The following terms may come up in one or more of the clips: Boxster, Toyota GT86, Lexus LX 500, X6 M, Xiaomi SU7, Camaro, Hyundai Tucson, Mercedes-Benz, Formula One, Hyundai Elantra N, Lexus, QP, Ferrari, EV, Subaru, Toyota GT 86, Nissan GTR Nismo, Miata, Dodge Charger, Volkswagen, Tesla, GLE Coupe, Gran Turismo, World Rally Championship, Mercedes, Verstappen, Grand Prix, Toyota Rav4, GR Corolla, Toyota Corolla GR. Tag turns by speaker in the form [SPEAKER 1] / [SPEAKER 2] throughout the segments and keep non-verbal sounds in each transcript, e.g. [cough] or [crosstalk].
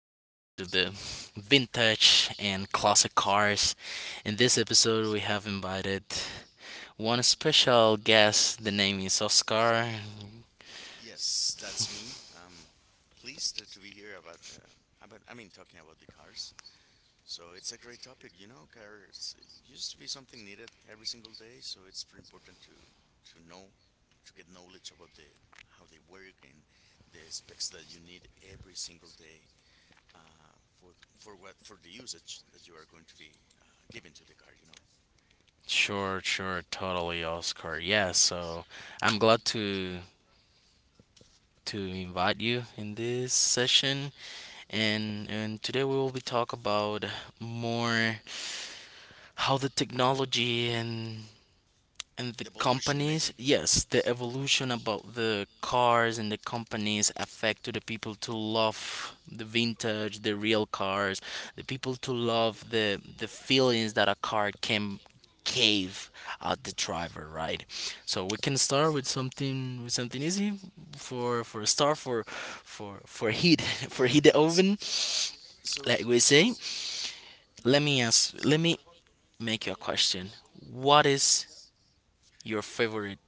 [SPEAKER 1] lovers, to the vintage and classic cars. In this episode, we have invited one special guest. The name is Oscar.
[SPEAKER 2] Yes, that's me. I'm pleased to be here about talking about the cars. So it's a great topic, you know. Cars used to be something needed every single day, so it's pretty important to know, to get knowledge about the how they work and the specs that you need every single day uh, for for what for the usage that you are going to be giving to the car.
[SPEAKER 1] Sure, sure, totally, Oscar. Yeah, so I'm glad to invite you in this session, and today we will be talk about more how the technology and the
[SPEAKER 2] The evolution
[SPEAKER 1] companies,
[SPEAKER 2] maybe.
[SPEAKER 1] yes, the evolution about the cars and the companies affect to the people to love the vintage, the real cars, the people to love the feelings that a car can cave at the driver, right? So we can start with something easy for a start for heat [laughs] for
[SPEAKER 2] Yeah.
[SPEAKER 1] heat the
[SPEAKER 2] Let's.
[SPEAKER 1] oven,
[SPEAKER 2] So
[SPEAKER 1] like we
[SPEAKER 2] so.
[SPEAKER 1] say. Let me make you a question. What is your favorite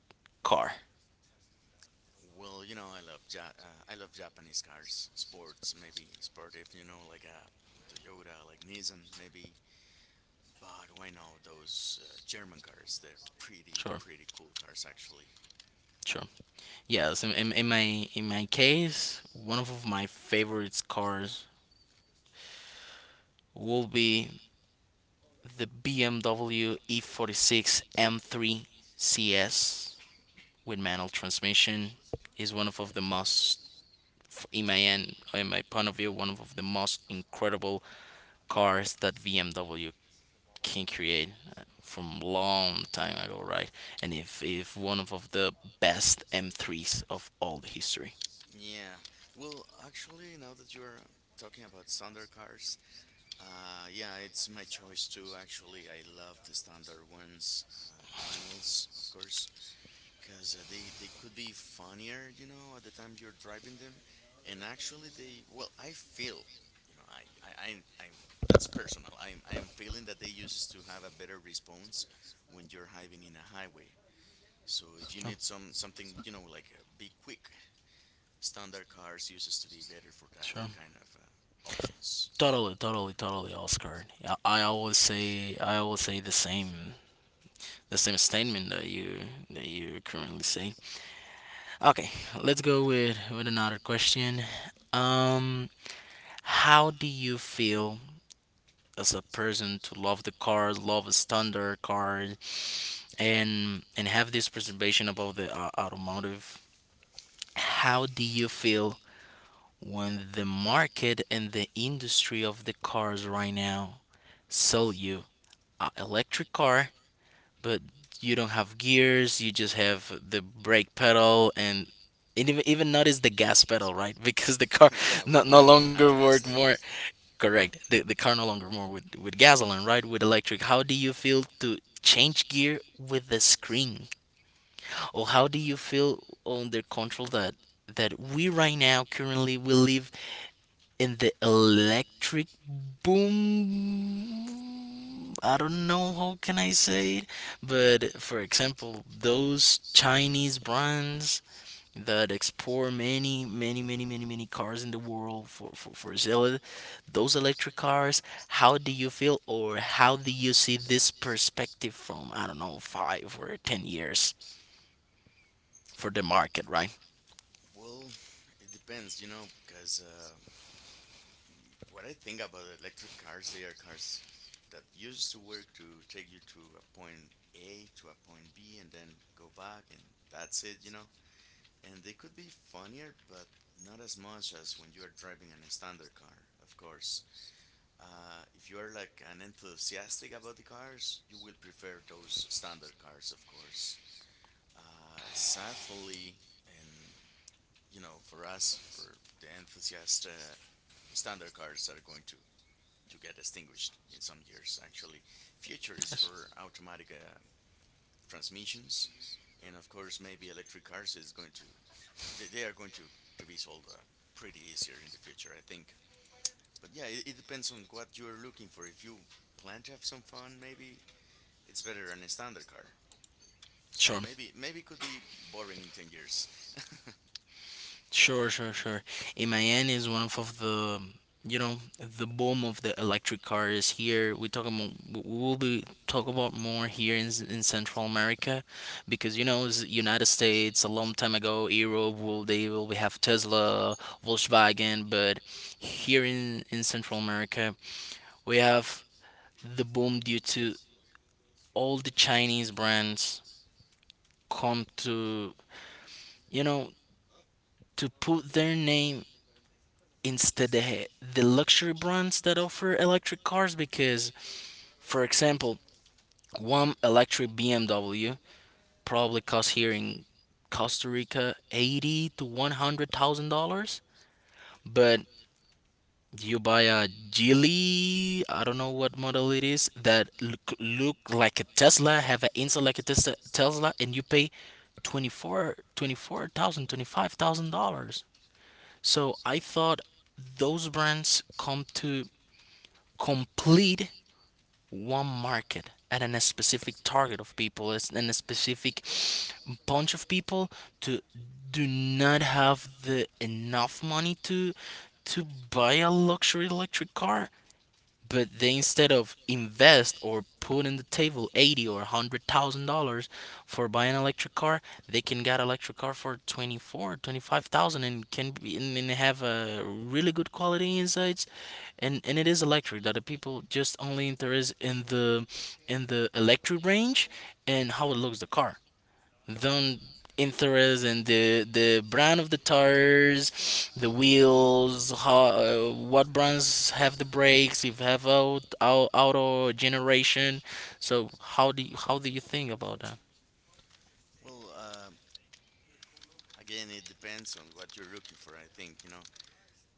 [SPEAKER 1] car?
[SPEAKER 2] Well, you know, I love I love Japanese cars, sports, maybe sportive, you know, like a Toyota, like Nissan, maybe. But why not those German cars? They're pretty,
[SPEAKER 1] Sure,
[SPEAKER 2] pretty cool cars, actually.
[SPEAKER 1] sure. Yes, in my case, one of my favorite cars will be the BMW E46 M3 CS with manual transmission. Is one of the most, f- In my end, in my point of view, one of the most incredible cars that BMW can create from long time ago, right? And if one of the best M3s of all the history.
[SPEAKER 2] Yeah. Well, actually, now that you're talking about standard cars, yeah, it's my choice too. Actually, I love the standard ones, manuals, of course. Because they could be funnier, you know, at the time you're driving them, and actually they well, I feel, you know, I'm that's personal. I am feeling that they uses to have a better response when you're driving in a highway. So if you need something, you know, like be quick, standard cars uses to be better for that,
[SPEAKER 1] Sure.
[SPEAKER 2] that kind of options.
[SPEAKER 1] Totally, totally, totally, Oscar. I always say the same statement that you currently say. Okay, let's go with another question. Um, how do you feel as a person to love the car, love a standard car, and have this preservation about the automotive. How do you feel when the market and the industry of the cars right now sell you an electric car, but you don't have gears, you just have the brake pedal and even notice the gas pedal, right? [laughs] Because the car
[SPEAKER 2] [laughs] Yeah, we, we
[SPEAKER 1] no
[SPEAKER 2] don't even
[SPEAKER 1] longer
[SPEAKER 2] have
[SPEAKER 1] work
[SPEAKER 2] gas there.
[SPEAKER 1] more correct. The car no longer more with gasoline, right? With electric. How do you feel to change gear with the screen? Or how do you feel under control that we right now currently we live in the electric boom. I don't know how can I say it, but for example, those Chinese brands that export many cars in the world for sale, those electric cars, how do you feel or how do you see this perspective from, I don't know, 5 or 10 years for the market, right?
[SPEAKER 2] Well, it depends, you know, because. What I think about electric cars, they are cars that used to work to take you to a point A to a point B and then go back, and that's it, you know? And they could be funnier, but not as much as when you are driving an standard car, of course. If you are like an enthusiastic about the cars, you will prefer those standard cars, of course. Sadly, and you know, for us, for the enthusiast, standard cars are going to get extinguished in some years. Actually, future is for automatic transmissions, and of course, maybe electric cars is going to they are going to be sold pretty easier in the future, I think. But yeah, it depends on what you are looking for. If you plan to have some fun, maybe it's better than a standard car. So
[SPEAKER 1] Sure.
[SPEAKER 2] maybe maybe it could be boring in 10 years.
[SPEAKER 1] Sure, sure, sure. In Miami is one of the you know the boom of the electric car is here. We will be talk about more here in Central America, because it's United States a long time ago. Europe will they will we have Tesla, Volkswagen, but here in Central America we have the boom due to all the Chinese brands come to you know put their name instead the, luxury brands that offer electric cars, because for example, one electric BMW probably costs here in Costa Rica 80 to 100 thousand dollars. But you buy a Geely, I don't know what model it is, that look like a Tesla, have an inside like a Tesla, and you pay 24,000, $25,000. So I thought those brands come to complete one market at a specific target of people, it's in a specific bunch of people to do not have the enough money to buy a luxury electric car, but they instead of invest or put in the table 80 or 100 thousand dollars for buying an electric car, they can get electric car for 25,000, and can be and have a really good quality insides. And it is electric that the people just only interest in the electric range, and how it looks the car, don't interest in the brand of the tires, the wheels, how what brands have the brakes, if have out auto generation. So how do you think about that?
[SPEAKER 2] [laughs] Well, again, it depends on what you're looking for. I think you know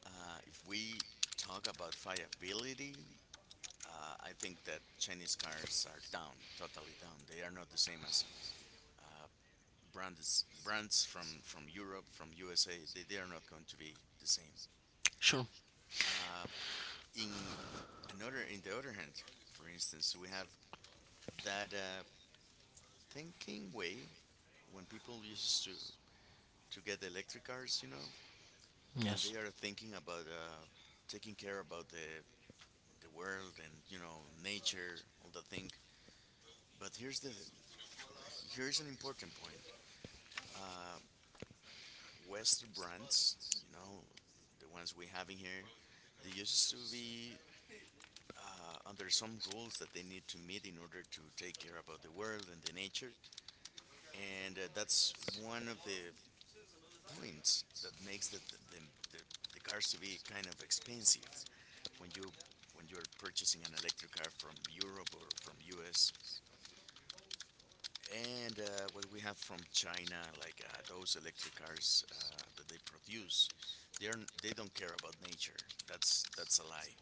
[SPEAKER 2] if we talk about viability, I think that Chinese cars are down, totally down. They are not the same as uh, brands from Europe, from USA. They are not going to be the same.
[SPEAKER 1] Sure.
[SPEAKER 2] Uh, in another, in the other hand, for instance, we have that thinking way when people used to get electric cars, you know, and
[SPEAKER 1] Yes.
[SPEAKER 2] they are thinking about taking care about the world and you know nature, all that thing. But here's the here's an important point. uh, Western brands, you know, the ones we have in here, they used to be under some rules that they need to meet in order to take care about the world and the nature. And that's one of the points that makes the, the, the cars to be kind of expensive when you when you're purchasing an electric car from Europe or from US. And what we have from China, like those electric cars that they produce, they are they don't care about nature. That's a lie.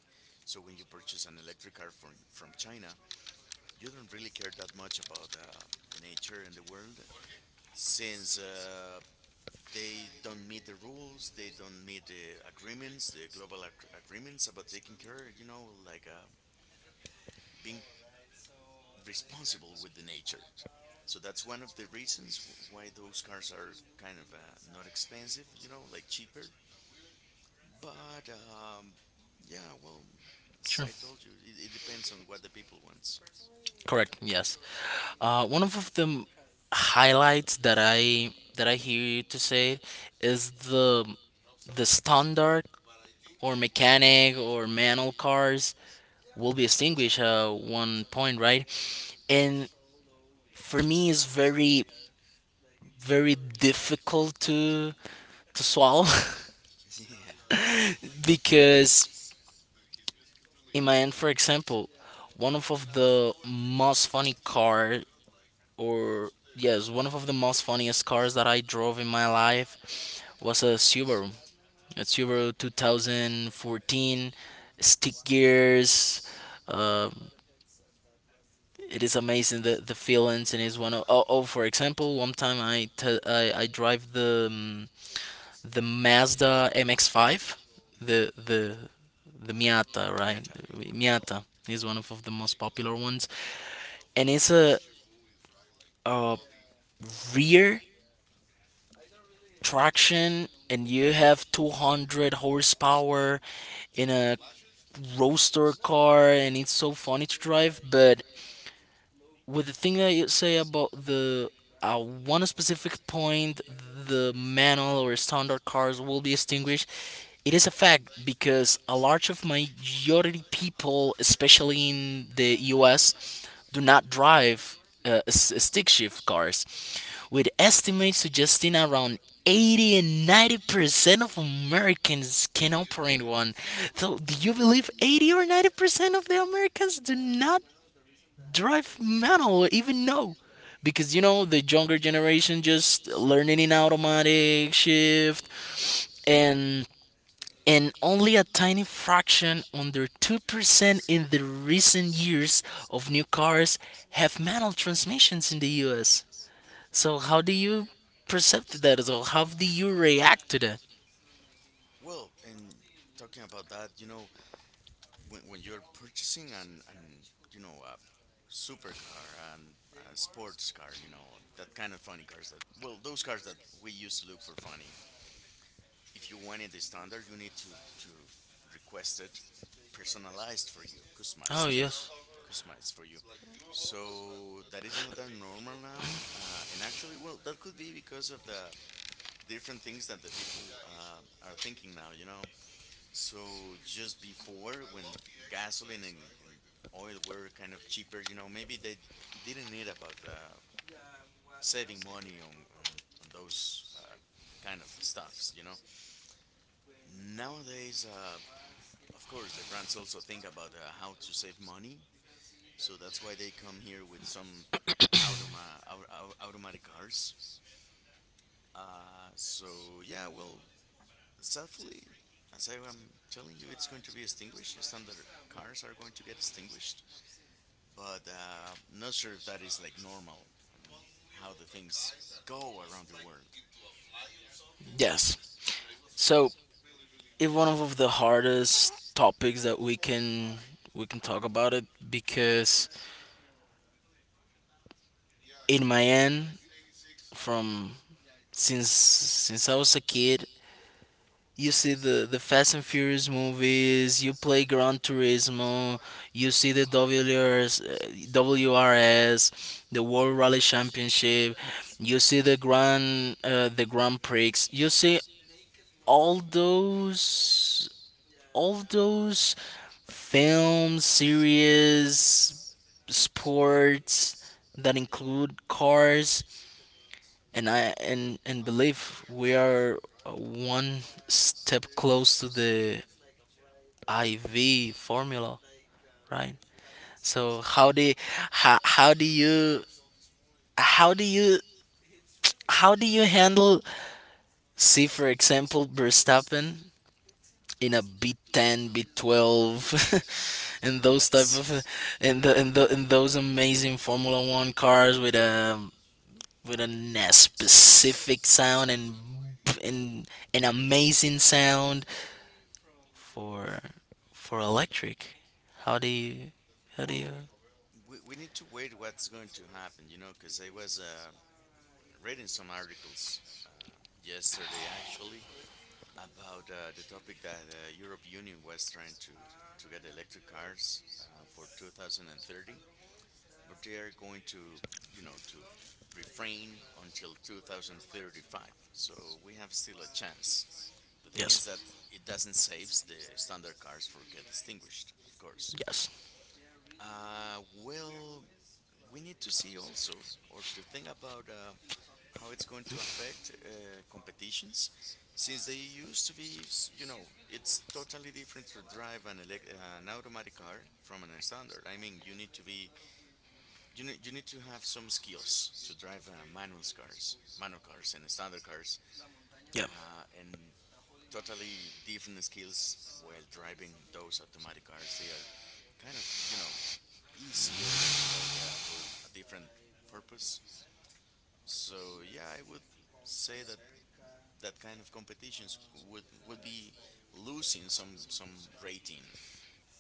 [SPEAKER 2] So when you purchase an electric car from China, you don't really care that much about the nature and the world, since they don't meet the rules, they don't meet the agreements, the global agreements about taking care, you know, like being responsible with the nature. So that's one of the reasons why those cars are kind of not expensive, you know, like cheaper. But yeah, well, as
[SPEAKER 1] Sure.
[SPEAKER 2] I told you, it depends on what the people wants.
[SPEAKER 1] Correct. Yes. One of the highlights that I hear you to say is the standard or mechanic or manual cars will be extinguished at one point, right? And for me, it's very, very difficult to swallow
[SPEAKER 2] [laughs] Yeah.
[SPEAKER 1] [laughs] because in my end, for example, of the most funny car, or yes, the most funniest cars that I drove in my life was a Subaru 2014, stick gears. um it is amazing, the feelings, and is one of— Oh, for example, one time I drive the Mazda MX-5, the the
[SPEAKER 2] Mhm.
[SPEAKER 1] the Miata, right?
[SPEAKER 2] Miata.
[SPEAKER 1] Miata is of the most popular ones, and it's a rear traction, and you have 200 horsepower in a roadster car, and it's so funny to drive. But with the thing that you say about the one specific point, the manual or standard cars will be extinguished. It is a fact because a large of majority people, especially in the U.S., do not drive stick shift cars, with estimates suggesting around 80 and 90% of Americans can operate one. So, do you believe 80 or 90% of the Americans do not drive manual, even no, because the younger generation just learning in automatic shift, and and only a tiny fraction under 2% in the recent years of new cars have manual transmissions in the US. So how do you perceive that? So how do you react to that?
[SPEAKER 2] Well, and talking about that, you know, when you're purchasing an you know, a supercar and a sports car, you know, that kind of funny cars that, well, those cars that we used to look for funny, if you wanted the standard, you need to request it personalized for you,
[SPEAKER 1] Oh,
[SPEAKER 2] customized,
[SPEAKER 1] yes.
[SPEAKER 2] customized for you. So that is not that normal now, and actually, well, that could be because of the different things that the people are thinking now. You know, so just before when gasoline and oil were kind of cheaper, you know, maybe they didn't need about saving money on, on those kind of stuffs. You know, nowadays. Of course, the brands also think about how to save money, so that's why they come here with some automatic cars. So yeah, well, sadly, as I am telling you, it's going to be extinguished. Standard cars are going to get extinguished, but not sure if that is like normal on how the things go around the world.
[SPEAKER 1] Yes. So it's one of the hardest topics that we can talk about it, because in my end, from since I was a kid. You see the Fast and Furious movies. You play Gran Turismo. You see the WRS, the World Rally Championship. You see the Grand Prix. You see all those all those films, series, sports that include cars, and I and believe we are one step close to the IV formula, right? So how, how do you how do you how do you handle— see for example, Verstappen in a B10, B12, [laughs] in
[SPEAKER 2] [laughs]
[SPEAKER 1] those type
[SPEAKER 2] That's
[SPEAKER 1] of, in the in the in those amazing Formula One cars with a specific sound and and an amazing sound for for electric. How do you how do you
[SPEAKER 2] well, we need to wait what's going to happen, you know, because I was reading some articles yesterday actually about the topic that Europe Union was trying to get electric cars for 2030, but they are going to you know to refrain until 2035. So we have still a chance. The thing is
[SPEAKER 1] Yes.
[SPEAKER 2] that it doesn't save the standard cars for get extinguished, of course.
[SPEAKER 1] Yes.
[SPEAKER 2] Well, we need to see also or to think about how it's going to affect competitions since they used to be you know it's totally different to drive an an automatic car from an standard. I mean you need to be you need to have some skills to drive manual cars and standard cars
[SPEAKER 1] Yeah.
[SPEAKER 2] and totally different skills while driving those automatic cars. They are kind of you know easier like for a different purpose. So yeah I would say that that kind of competitions would be losing some rating.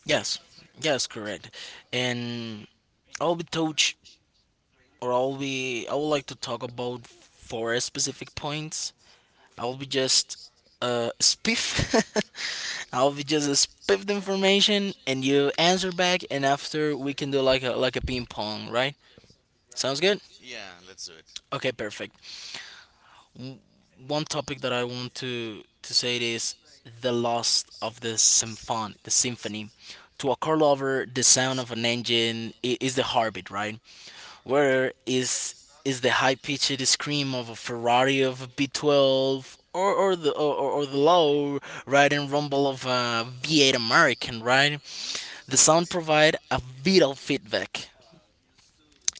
[SPEAKER 1] Yes. Yes, correct. And I'll be touch I'll be— I would like to talk about four specific points. I'll be just spiff [laughs] I'll be just spiff the information, and you answer back, and after we can do like a ping pong, right? Sounds good?
[SPEAKER 2] Yeah, let's do it.
[SPEAKER 1] Okay, perfect. w- one topic that I want to say it is the loss of the symphony. The symphony. To a car lover, the sound of an engine is the heartbeat, right? Where is is the high pitched scream of a Ferrari of a B12, or, or the low riding rumble of a V8 American, right? The sound provide a vital feedback,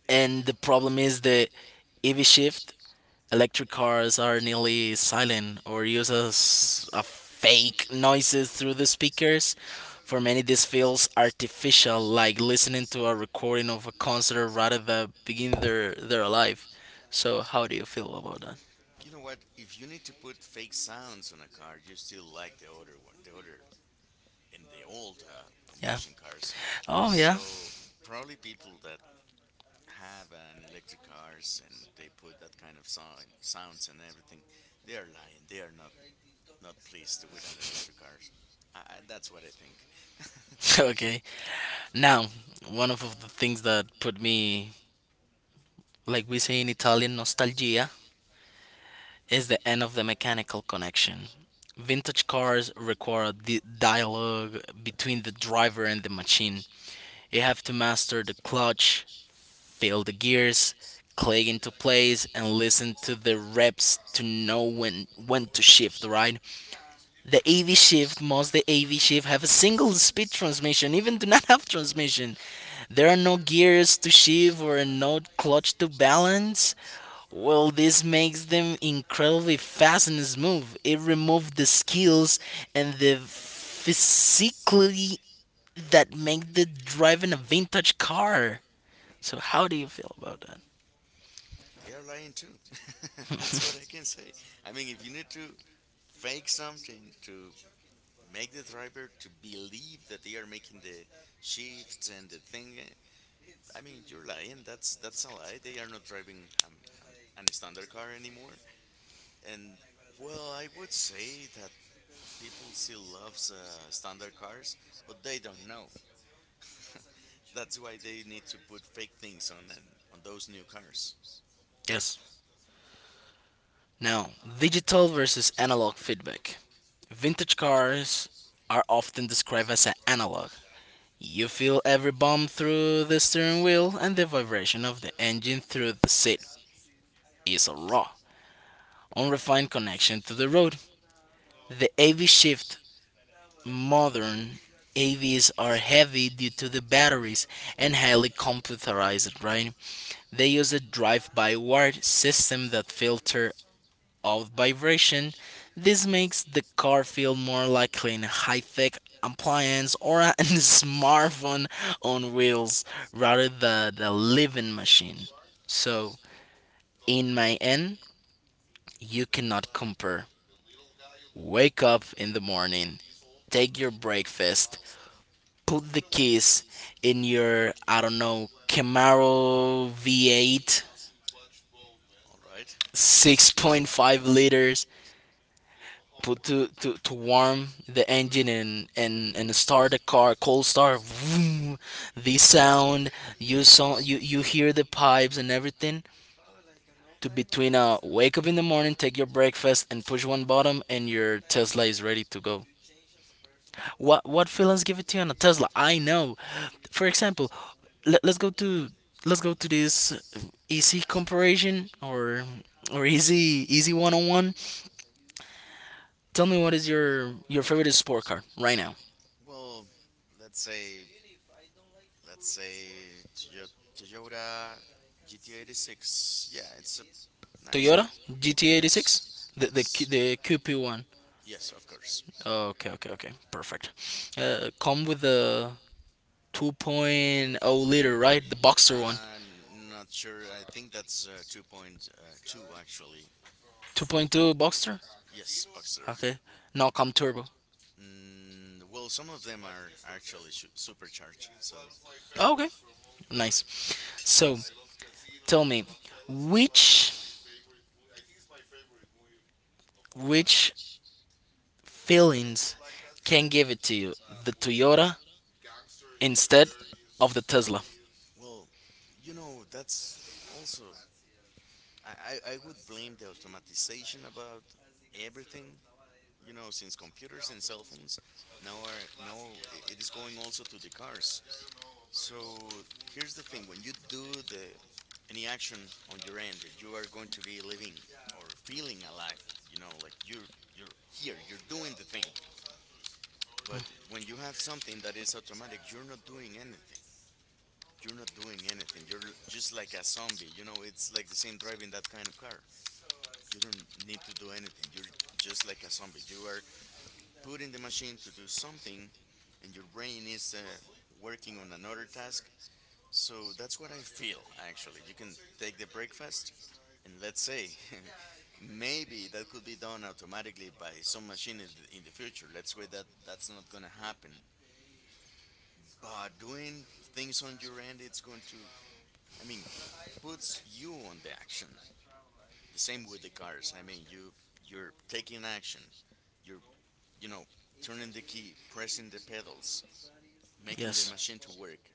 [SPEAKER 1] and the problem is the EV shift. Electric cars are nearly silent or use a
[SPEAKER 2] [laughs]
[SPEAKER 1] fake noises through the speakers. For many, this feels artificial, like listening to a recording of a concert rather than being there alive. So, how do you feel about that?
[SPEAKER 2] You know what? If you need to put fake sounds on a car, you still like the older one, the older and the old
[SPEAKER 1] Yeah.
[SPEAKER 2] combustion cars.
[SPEAKER 1] Oh, yeah.
[SPEAKER 2] So probably people that have an electric cars and they put that kind of sound, sounds and everything, they are lying. They are not not pleased with an electric cars. That's what I think. [laughs]
[SPEAKER 1] [laughs] Okay. Now, one of the things that put me, like we say in Italian, nostalgia is the end of the mechanical connection. Vintage cars require the dialogue between the driver and the machine. You have to master the clutch, feel the gears, click into place, and listen to the reps to know when to shift. Right? The AV shift, most the AV shift have a single speed transmission, even do not have transmission. There are no gears to shift or no clutch to balance. Well, this makes them incredibly fast and smooth. It removed the skills and the physically that make the driving a vintage car. So how do you feel about that?
[SPEAKER 2] They are lying too. [laughs] That's what I can say. I mean, if you need to fake something to make the driver to believe that they are making the shifts and the thing, I mean, you're lying. That's a lie. They are not driving um, an standard car anymore. And well, I would say that people still loves standard cars, but they don't know. [laughs] That's why they need to put fake things on and on those new cars.
[SPEAKER 1] [laughs] Yes. Now, digital versus analog feedback. Vintage cars are often described as an analog. You feel every bump through the steering wheel and the vibration of the engine through the seat is a raw, unrefined connection to the road. The AV shift. Modern AVs are heavy due to the batteries and highly computerized, right? They use a drive-by-wire system that filter of vibration. This makes the car feel more like an high-tech appliance or a [laughs] smartphone on wheels rather than a living machine. So, in my end, you cannot compare. Wake up in the morning, take your breakfast, put the keys in your, I don't know, Camaro V8,
[SPEAKER 2] All right.
[SPEAKER 1] 6.5 liters. Well, to warm the engine and start the car, cold start, vroom, this sound, you hear the pipes and everything. To between wake up in the morning, take your breakfast, and push one bottom, and your Tesla is ready to go. What feelings give it to you on a Tesla? I know. For example, let, let's go to let's go to this easy comparison or or easy one on one. Tell me what is your favorite sport car right now?
[SPEAKER 2] Well, let's say let's say Toyota GT86. Yeah, it's a nice car.
[SPEAKER 1] Toyota GT 86,
[SPEAKER 2] Yes,
[SPEAKER 1] the the Q-
[SPEAKER 2] yes,
[SPEAKER 1] the QP one.
[SPEAKER 2] yes, of course.
[SPEAKER 1] Okay, okay, okay. Perfect. Come with the 2.0-liter, right? The Boxster one.
[SPEAKER 2] Uh, Not sure. I think that's 2.2 actually.
[SPEAKER 1] 2.2 Boxster.
[SPEAKER 2] Yes, Boxster.
[SPEAKER 1] Okay. Now come turbo.
[SPEAKER 2] Mm, well, some of them are actually supercharged. So,
[SPEAKER 1] Oh, okay. Nice. So, tell me, which which feelings can give it to you? The Toyota instead of the Tesla.
[SPEAKER 2] well, you know, that's also I would blame the automatization about everything, you know, since computers and cell phones now are now it is going also to the cars. So here's the thing: when you do the any action on your end, you are going to be living or feeling alive. You know, like you're here, you're doing the thing. But when you have something that is automatic, you're not doing anything. You're not doing anything. You're just like a zombie. You know, it's like the same driving that kind of car. You don't need to do anything. You're just like a zombie. You are put in the machine to do something and your brain is working on another task. So that's what I feel actually. You can take the breakfast and let's say [laughs] maybe that could be done automatically by some machine in the future. Let's say that that's not going to happen. But doing things on your end, it's going to, I mean, puts you on the action. The same with the cars. I mean, you you're taking action. You're you know turning the key, pressing the pedals, making the
[SPEAKER 1] Yes.
[SPEAKER 2] machine to work.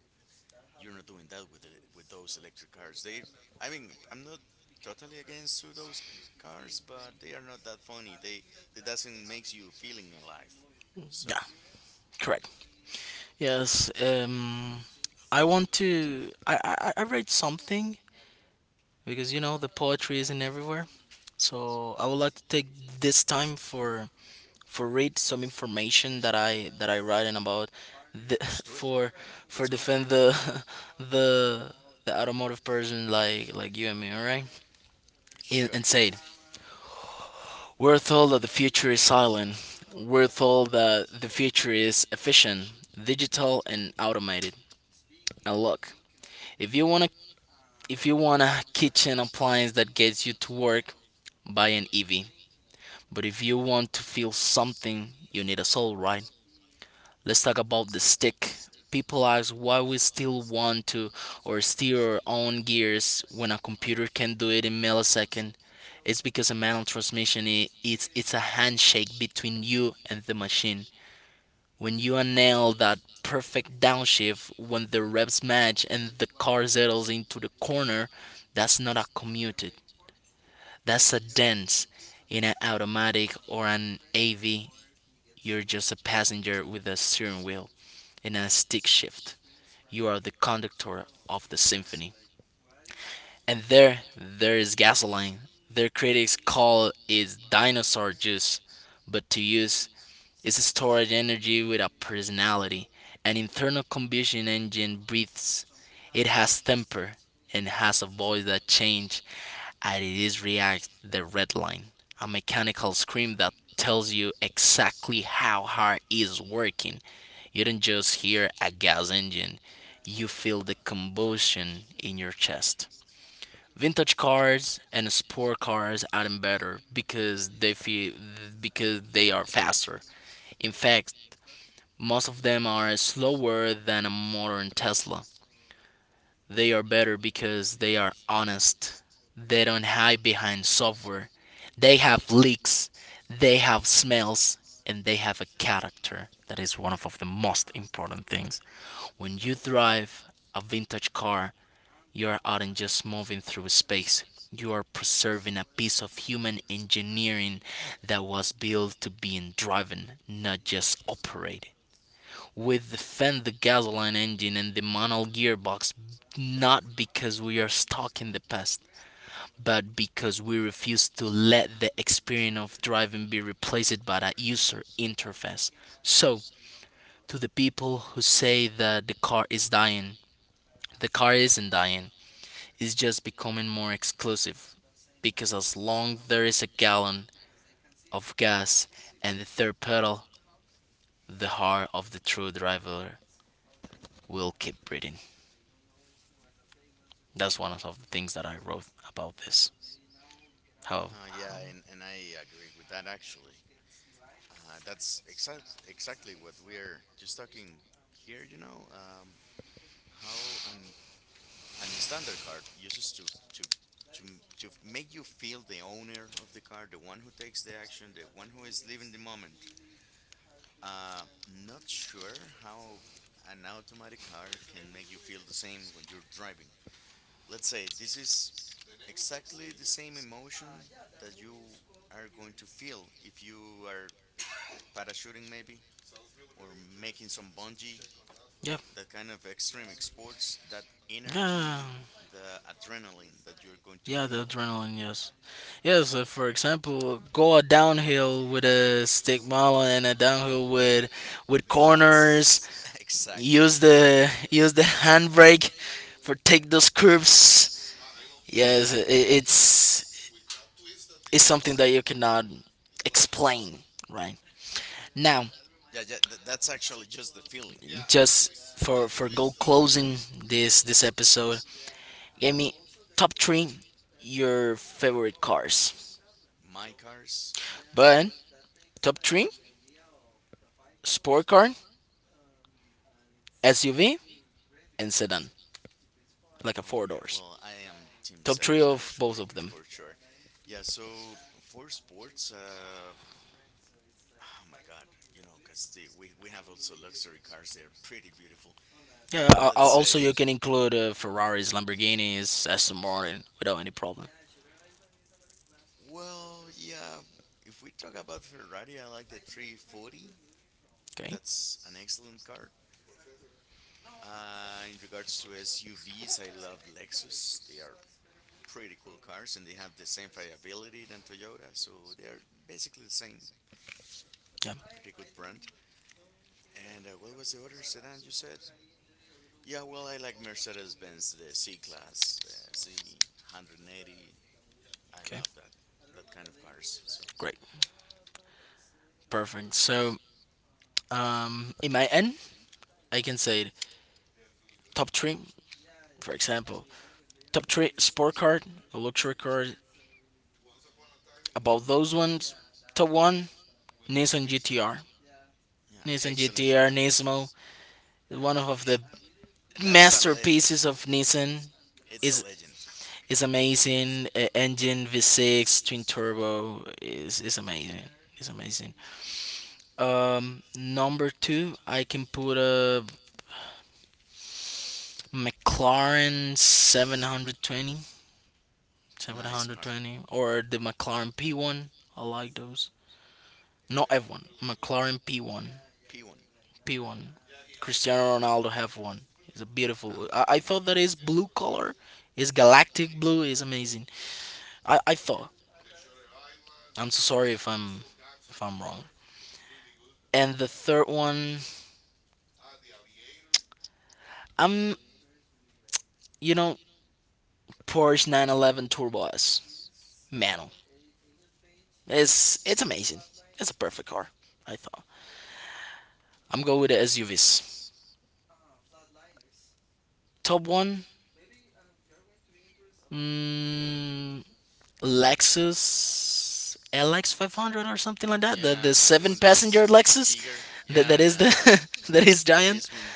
[SPEAKER 2] You're not doing that with the, with those electric cars. They, I mean, I'm not totally against to those cars, but they are not that funny. They, that doesn't makes you feeling alive. So
[SPEAKER 1] Yeah. Correct. Yes, I want to. I read something because you know the poetry isn't everywhere. So I would like to take this time for read some information that I write in about the, [laughs]
[SPEAKER 2] just do it.
[SPEAKER 1] for
[SPEAKER 2] Yeah, let's go ahead.
[SPEAKER 1] defend the [laughs] the the automotive person like you and me, alright? And,
[SPEAKER 2] Sure.
[SPEAKER 1] and said, we're told that the future is silent. We're told that the future is efficient, digital, and automated. And look, if you want to If you want a kitchen appliance that gets you to work, buy an EV. But if you want to feel something, you need a soul, right? Let's talk about the stick. People ask why we still want to or steer our own gears when a computer can do it in millisecond. It's because a manual transmission it's a handshake between you and the machine. When you nail that perfect downshift, when the revs match and the car settles into the corner, that's not a commute. That's a dance. In an automatic or an AV, you're just a passenger with a steering wheel and a stick shift. You are the conductor of the symphony. And there is gasoline. Their critics call it dinosaur juice, but to use is stored energy with a personality. An internal combustion engine breathes. It has temper and has a voice that changes, and it is react the red line. A mechanical scream that tells you exactly how hard it is working. You don't just hear a gas engine, you feel the combustion in your chest. Vintage cars and sport cars are better because they feel, because they are faster. In fact, most of them are slower than a modern Tesla. They are better because they are honest. They don't hide behind software. They have leaks, they have smells, and they have a character. That is one of the most important things. When you drive a vintage car, you are out and just moving through space. You are preserving a piece of human engineering that was built to be driven, not just operated with the fan, the gasoline engine, and the manual gearbox, not because we are stuck in the past, but because we refuse to let the experience of driving be replaced by a user interface. So, to the people who say that the car is dying, the car isn't dying, it's just becoming more exclusive. Because as long there is a gallon of gas and the third pedal, the heart of the true driver will keep breathing. That's one of the things that I wrote about this. How, how
[SPEAKER 2] Yeah, and I agree with that actually. That's exactly what we're just talking here, how an and the standard card uses to to to make you feel the owner of the card, the one who takes the action, the one who is living the moment. Not sure how an automatic car can make you feel the same when you're driving. Let's say this is exactly the same emotion that you are going to feel if you are parachuting, maybe, or making some bungee,
[SPEAKER 1] yeah,
[SPEAKER 2] that kind of extreme sports, that
[SPEAKER 1] yeah,
[SPEAKER 2] energy, the adrenaline that you're going to
[SPEAKER 1] yeah, the
[SPEAKER 2] feel.
[SPEAKER 1] adrenaline, yes. Yes, for example, go a downhill with a stick model and a downhill with corners.
[SPEAKER 2] That's [laughs] exactly.
[SPEAKER 1] Use the handbrake for take those curves. Yes,
[SPEAKER 2] Yeah.
[SPEAKER 1] it's something that you cannot explain, right? Now,
[SPEAKER 2] Yeah, yeah, that's actually just the feeling.
[SPEAKER 1] just for go closing this episode, give me top three your favorite cars.
[SPEAKER 2] My cars.
[SPEAKER 1] But top three sport car, SUV, and sedan, like a
[SPEAKER 2] Oh
[SPEAKER 1] four
[SPEAKER 2] yeah,
[SPEAKER 1] doors.
[SPEAKER 2] well I am Team
[SPEAKER 1] Top three
[SPEAKER 2] Sedan
[SPEAKER 1] of both
[SPEAKER 2] actually
[SPEAKER 1] of them.
[SPEAKER 2] for sure. Yeah, so for sports, oh my God, you know, because the, we have also luxury cars. They are pretty beautiful.
[SPEAKER 1] Yeah.
[SPEAKER 2] But let's
[SPEAKER 1] Also,
[SPEAKER 2] say,
[SPEAKER 1] you can include Ferraris, Lamborghinis, Aston Martin without any problem.
[SPEAKER 2] well, yeah, if we talk about Ferrari, I like the 340.
[SPEAKER 1] Okay.
[SPEAKER 2] That's an excellent car. In regards to SUVs, I love Lexus. They are pretty cool cars and they have the same fiability than Toyota, so they're basically the same.
[SPEAKER 1] Yeah.
[SPEAKER 2] Pretty good brand. And what was the other sedan you said? Yeah, well, I like Mercedes Benz, the C Class, Z180. I
[SPEAKER 1] Okay.
[SPEAKER 2] love that, that kind of cars. So,
[SPEAKER 1] Great. Perfect. So, in my end, I can say top three. For example, top three sport car, luxury car. About those ones, top one Nissan GTR.
[SPEAKER 2] yeah,
[SPEAKER 1] Nissan
[SPEAKER 2] excellent car.
[SPEAKER 1] GTR Nismo, one of
[SPEAKER 2] It
[SPEAKER 1] the
[SPEAKER 2] That's a legend.
[SPEAKER 1] masterpieces of Nissan,
[SPEAKER 2] It's a
[SPEAKER 1] is
[SPEAKER 2] legend.
[SPEAKER 1] is amazing. Engine V6 twin turbo is amazing. Is amazing. Number two, I can put a McLaren seven hundred twenty seven
[SPEAKER 2] Nice
[SPEAKER 1] hundred
[SPEAKER 2] car.
[SPEAKER 1] twenty or the McLaren P1. I like those. Not F1, McLaren P1.
[SPEAKER 2] P1.
[SPEAKER 1] P one. Cristiano Ronaldo have one. It's a
[SPEAKER 2] Oh,
[SPEAKER 1] beautiful. I
[SPEAKER 2] yeah.
[SPEAKER 1] thought that his blue color, his galactic blue, is amazing. I thought. I'm so sorry if I'm wrong. And the third one, I'm you know Porsche 911 Turbo S. Manual. It's amazing. It's a perfect car. I thought. I'm going with the SUVs. Top one. Mm, Lexus LX 500 or something like that.
[SPEAKER 2] Yeah,
[SPEAKER 1] The
[SPEAKER 2] the one
[SPEAKER 1] seven passenger
[SPEAKER 2] that's
[SPEAKER 1] Lexus,
[SPEAKER 2] bigger.
[SPEAKER 1] that
[SPEAKER 2] Yeah,
[SPEAKER 1] that is the
[SPEAKER 2] yeah,
[SPEAKER 1] [laughs] that is
[SPEAKER 2] the
[SPEAKER 1] giant.
[SPEAKER 2] best one.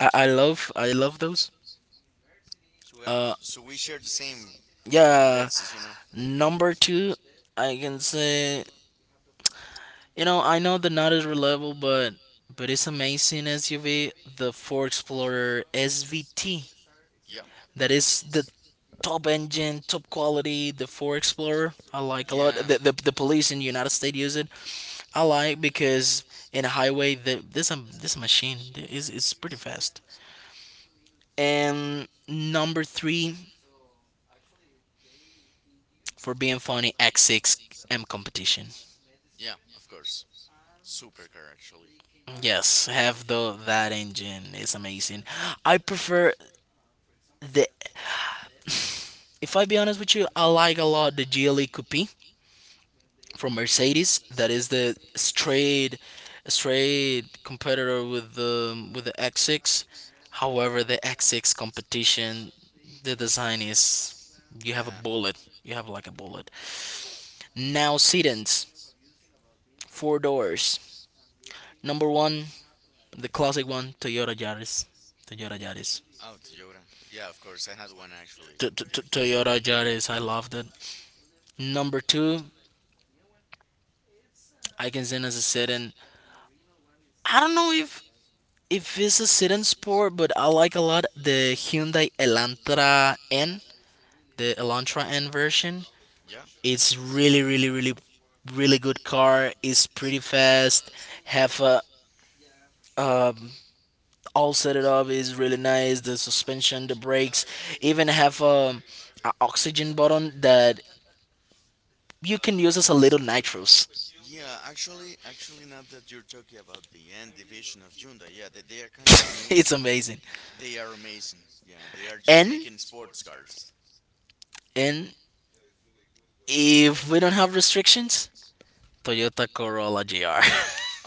[SPEAKER 1] I love those.
[SPEAKER 2] So,
[SPEAKER 1] Uh,
[SPEAKER 2] so we share the same for
[SPEAKER 1] yeah,
[SPEAKER 2] Lexus, you know.
[SPEAKER 1] number 2, I can say, you know, I know the not as reliable, but it's amazing SUV, the Ford Explorer SVT.
[SPEAKER 2] Yeah,
[SPEAKER 1] That is the top engine, top quality, the Ford Explorer. I like a lot.
[SPEAKER 2] yeah,
[SPEAKER 1] The police in United States use it. I like because in a highway, the, this machine is pretty fast. And number three, for being funny, X6 M competition.
[SPEAKER 2] yeah. Of course, supercar actually.
[SPEAKER 1] Yes, have the that engine is amazing. I prefer the. If I be honest with you, I like a lot the GLE Coupe from Mercedes that is the straight competitor with the X6. However, the X6 competition, the design is you have a
[SPEAKER 2] Yeah,
[SPEAKER 1] bullet, you have like a bullet. Now sedans, four doors. Number one, the classic one, Toyota Yaris. Toyota Yaris.
[SPEAKER 2] oh Toyota. Yeah, of course. I had one actually. The-
[SPEAKER 1] Toyota Yaris, I loved it. Number two, I can send as a sedan. I don't know if it's a sedan sport, but I like a lot the Hyundai Elantra N, the Elantra N version.
[SPEAKER 2] yeah,
[SPEAKER 1] It's really good car. It's pretty fast. Have a um, all set it up is really nice. The suspension, the brakes, even have a oxygen button that you can use as a little nitrous.
[SPEAKER 2] yeah. Actually, now that you're talking about the end division of Hyundai, yeah, they are kind of
[SPEAKER 1] [laughs]
[SPEAKER 2] new.
[SPEAKER 1] It's amazing.
[SPEAKER 2] They are amazing. Yeah, they are just
[SPEAKER 1] And
[SPEAKER 2] making sports cars.
[SPEAKER 1] and if we don't have restrictions, Toyota Corolla GR.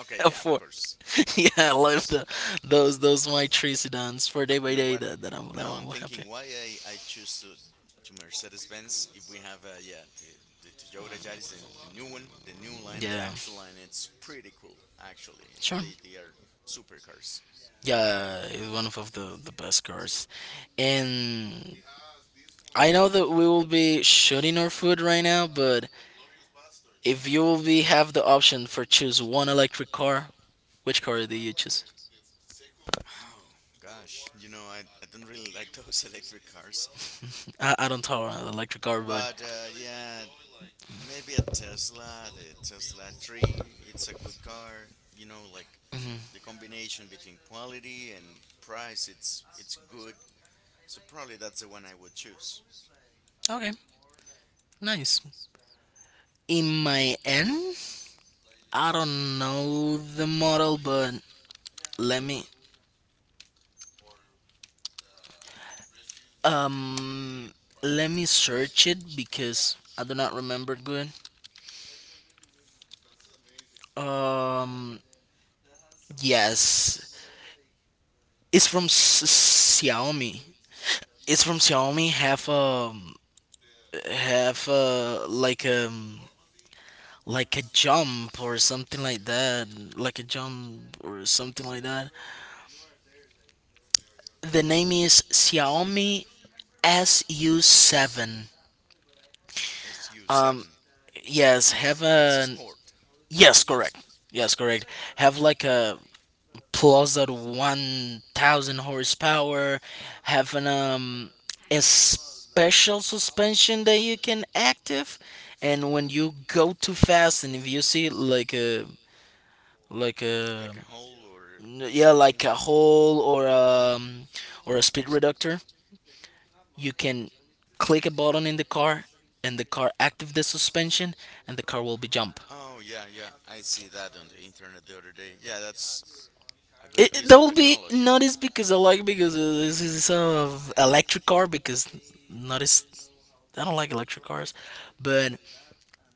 [SPEAKER 2] Okay,
[SPEAKER 1] Of
[SPEAKER 2] yeah, of
[SPEAKER 1] course. [laughs]
[SPEAKER 2] course,
[SPEAKER 1] Yeah,
[SPEAKER 2] of
[SPEAKER 1] I love
[SPEAKER 2] course.
[SPEAKER 1] the those my three sedans for day
[SPEAKER 2] You
[SPEAKER 1] by
[SPEAKER 2] know
[SPEAKER 1] day
[SPEAKER 2] what?
[SPEAKER 1] that
[SPEAKER 2] Now I'm
[SPEAKER 1] I'm happy.
[SPEAKER 2] thinking why I choose to Mercedes-Benz if we have yeah the Toyota Yaris the new one the new line the
[SPEAKER 1] Yeah,
[SPEAKER 2] actual line it's pretty cool actually
[SPEAKER 1] sure.
[SPEAKER 2] they are supercars.
[SPEAKER 1] Yeah, it's one of the best cars, and I know that we will be shooting our food right now. But if you will be have the option for choose one electric car, which car do you choose?
[SPEAKER 2] Oh gosh, you know I don't really like those [laughs] electric cars,
[SPEAKER 1] I don't tolerate electric car, but
[SPEAKER 2] but yeah maybe a Tesla the Tesla three it's a good car you know like
[SPEAKER 1] mhm.
[SPEAKER 2] the combination between quality and price it's good so probably that's the one I would choose.
[SPEAKER 1] Okay, nice. In my end. I don't know the model, but let me um let me search it because I do not remember good. Um yes, it's from Xiaomi. It's from Xiaomi. Have a have a like um like a jump or something like that, The name is Xiaomi SU7.
[SPEAKER 2] SU7.
[SPEAKER 1] Um, yes,
[SPEAKER 2] Yes.
[SPEAKER 1] have
[SPEAKER 2] It's a
[SPEAKER 1] an.
[SPEAKER 2] sport,
[SPEAKER 1] Yes, correct. Yes, correct. Have like a plus at 1000 horsepower, have an a special suspension that you can active and when you go too fast and if you see like a
[SPEAKER 2] like a hole or
[SPEAKER 1] yeah,
[SPEAKER 2] something.
[SPEAKER 1] like a
[SPEAKER 2] Like
[SPEAKER 1] hole or a speed reductor, you can click a button in the car and the car active the suspension and the car will be jump.
[SPEAKER 2] oh, yeah, yeah. I see that on the internet the other day. Yeah, that's a good piece
[SPEAKER 1] That
[SPEAKER 2] of
[SPEAKER 1] will be
[SPEAKER 2] technology.
[SPEAKER 1] not is because I like because this is of electric car because not is I don't like electric cars, but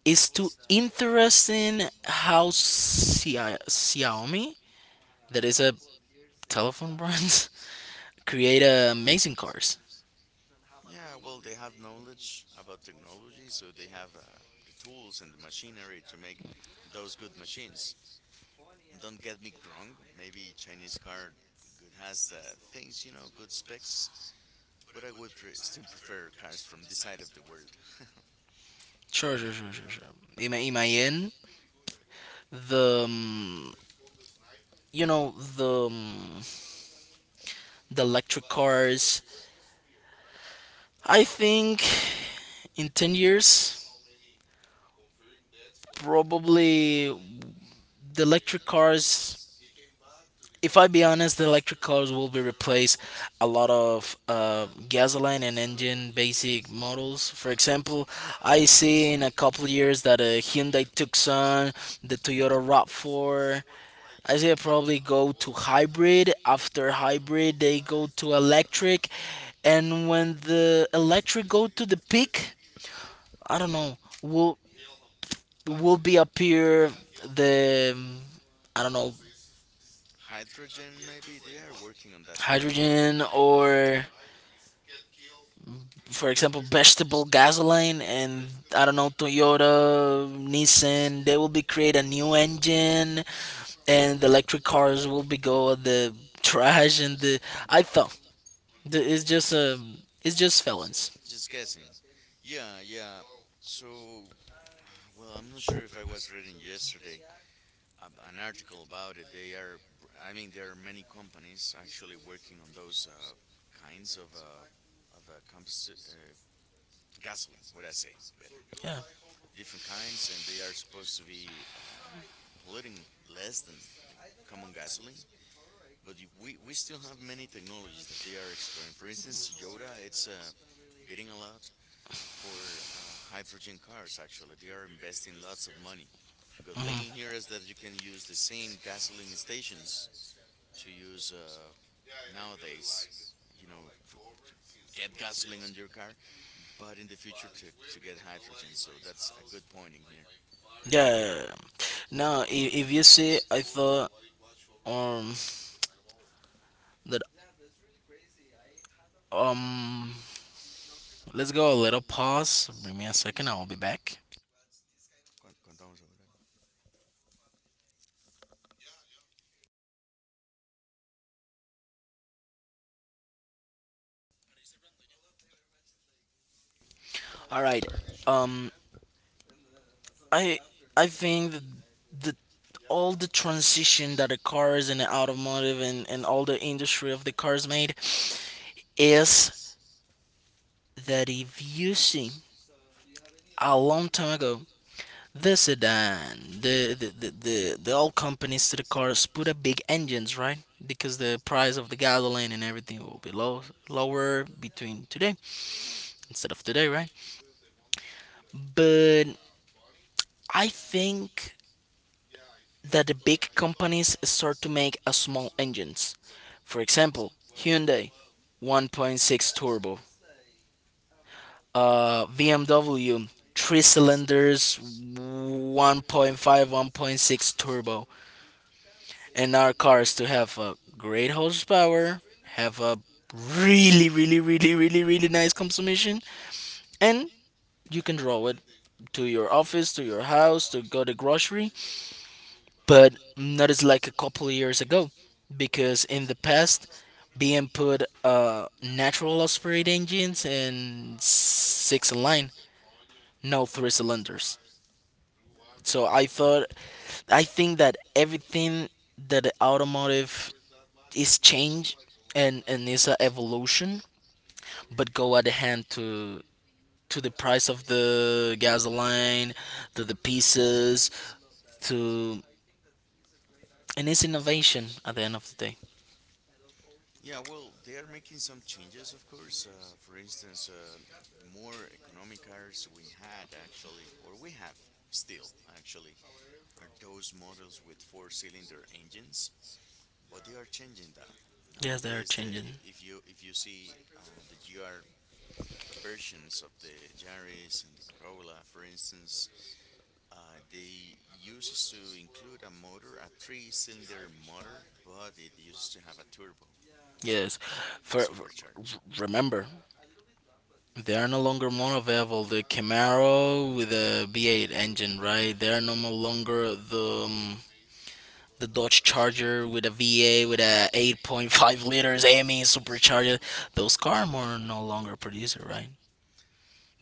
[SPEAKER 1] it's too interesting how Xiaomi that is a telephone brand [laughs] create amazing cars.
[SPEAKER 2] Yeah, well, they have knowledge about technology, so they have the tools and the machinery to make those good machines. Don't get me wrong, maybe Chinese car good has things, you know, good specs, but I would pre- still prefer cars from this side of the world. [laughs]
[SPEAKER 1] Sure. In my end, the you know the electric cars. I think in 10 years probably the electric cars, if I be honest, the electric cars will be replace a lot of gasoline and engine basic models. For example, I
[SPEAKER 2] Hmm.
[SPEAKER 1] see in a couple years that a Hyundai Tucson, the Toyota Rav4, I see it probably go to hybrid. After hybrid, they go to electric, and when the electric go to the peak, I don't know, will be appear the I don't know,
[SPEAKER 2] Hydrogen, maybe they are working on that technology
[SPEAKER 1] hydrogen
[SPEAKER 2] now.
[SPEAKER 1] or, for example, vegetable gasoline. And I don't know, Toyota, Nissan, they will be create a new engine and the electric cars will be go at the trash and the I thought the, it's just felons.
[SPEAKER 2] Just guessing. Yeah, yeah. So, well, I'm not sure if I was reading yesterday an article about it. They are, I mean, there are many companies actually working on those kinds of compost gasoline. What I say, better.
[SPEAKER 1] Yeah.
[SPEAKER 2] Different kinds, and they are supposed to be polluting less than common gasoline. But we still have many technologies that they are exploring. For instance, Toyota, it's bidding a lot for hydrogen cars, actually. They are investing lots of money. Good thing in here is that you can use the same gasoline stations to use nowadays, you know, to get gasoline on your car, but in the future to get hydrogen. So that's a good point in here.
[SPEAKER 1] Yeah. No, if you see I thought um that um let's go a little pause. Bring me a second, I will be back.
[SPEAKER 2] Condoms or whatever.
[SPEAKER 1] All right. Um, I I think that the all the transition that the cars and the automotive and all the industry of the cars made is that if you see a long time ago the sedan the old companies to the cars put up big engines, right? Because the price of the gasoline and everything will be low, lower between today, instead of today, right? But I think that the big companies start to make a small engines. For example, Hyundai 1.6 turbo, BMW 3 cylinders 1.5 1.6 turbo, and our cars to have a great horsepower, have a really nice consumption, and you can draw it to your office, to your house, to go to grocery, but not as like a couple years ago, because in the past BM put natural aspirate engines and six line, no three cylinders. So I thought I think that everything that the automotive is change and is a evolution, but go at the hand to the price of the gasoline, to the pieces, to, and it's innovation at the end of the day.
[SPEAKER 2] Yeah, well, they are making some changes, of course. For instance, the more economic cars we had, actually, or we have still, actually, are those models with four-cylinder engines. But they are changing that
[SPEAKER 1] Yes, they are
[SPEAKER 2] nowadays. The
[SPEAKER 1] changing.
[SPEAKER 2] If you see the GR versions of the Yaris and the Corolla, for instance. They uses to include a motor, a three-cylinder motor, but it uses to have a turbo or
[SPEAKER 1] Yes.
[SPEAKER 2] a
[SPEAKER 1] For, for-
[SPEAKER 2] supercharge.
[SPEAKER 1] remember, they are no longer more available. The Camaro with a V8 engine, right? They are no more longer the Dodge Charger with a V8 with a 8.5 liters AME supercharger. Those cars are no longer produced, right?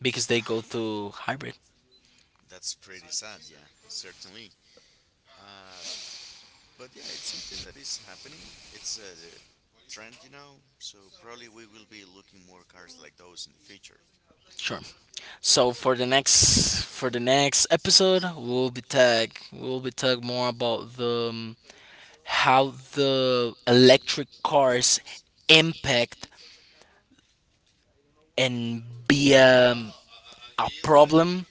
[SPEAKER 1] Because they go through hybrid.
[SPEAKER 2] That's pretty sad, yeah, certainly. Uh, but yeah, it's something that is happening. It's a trend, you know. So probably we will be looking more cars like those in the future.
[SPEAKER 1] Sure. So for the next episode, we'll be tag we'll be talk more about the how the electric cars impact and be a problem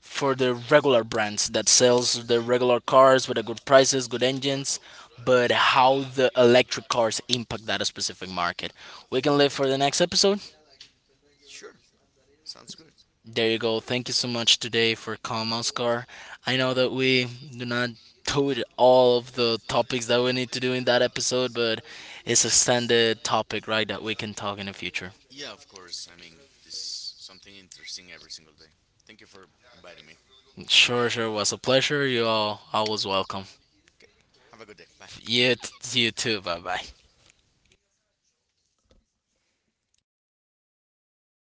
[SPEAKER 1] for the regular brands that sells the regular cars with a good prices, good engines, but how the electric cars impact that specific market. We can live for the next episode.
[SPEAKER 2] Sure, sounds good.
[SPEAKER 1] There you
[SPEAKER 2] [laughs]
[SPEAKER 1] go. Thank you so much today for calling Oscar. I know that we do not do it all of the topics that we need to do in that episode, but it's a standard topic, right, that we can talk in the future.
[SPEAKER 2] Yeah, of course. I mean, this is something interesting every single day. Thank you for inviting me.
[SPEAKER 1] Sure, sure. Was a pleasure. You all always welcome.
[SPEAKER 2] Okay. Have a good day. Bye.
[SPEAKER 1] You, you too. Bye bye.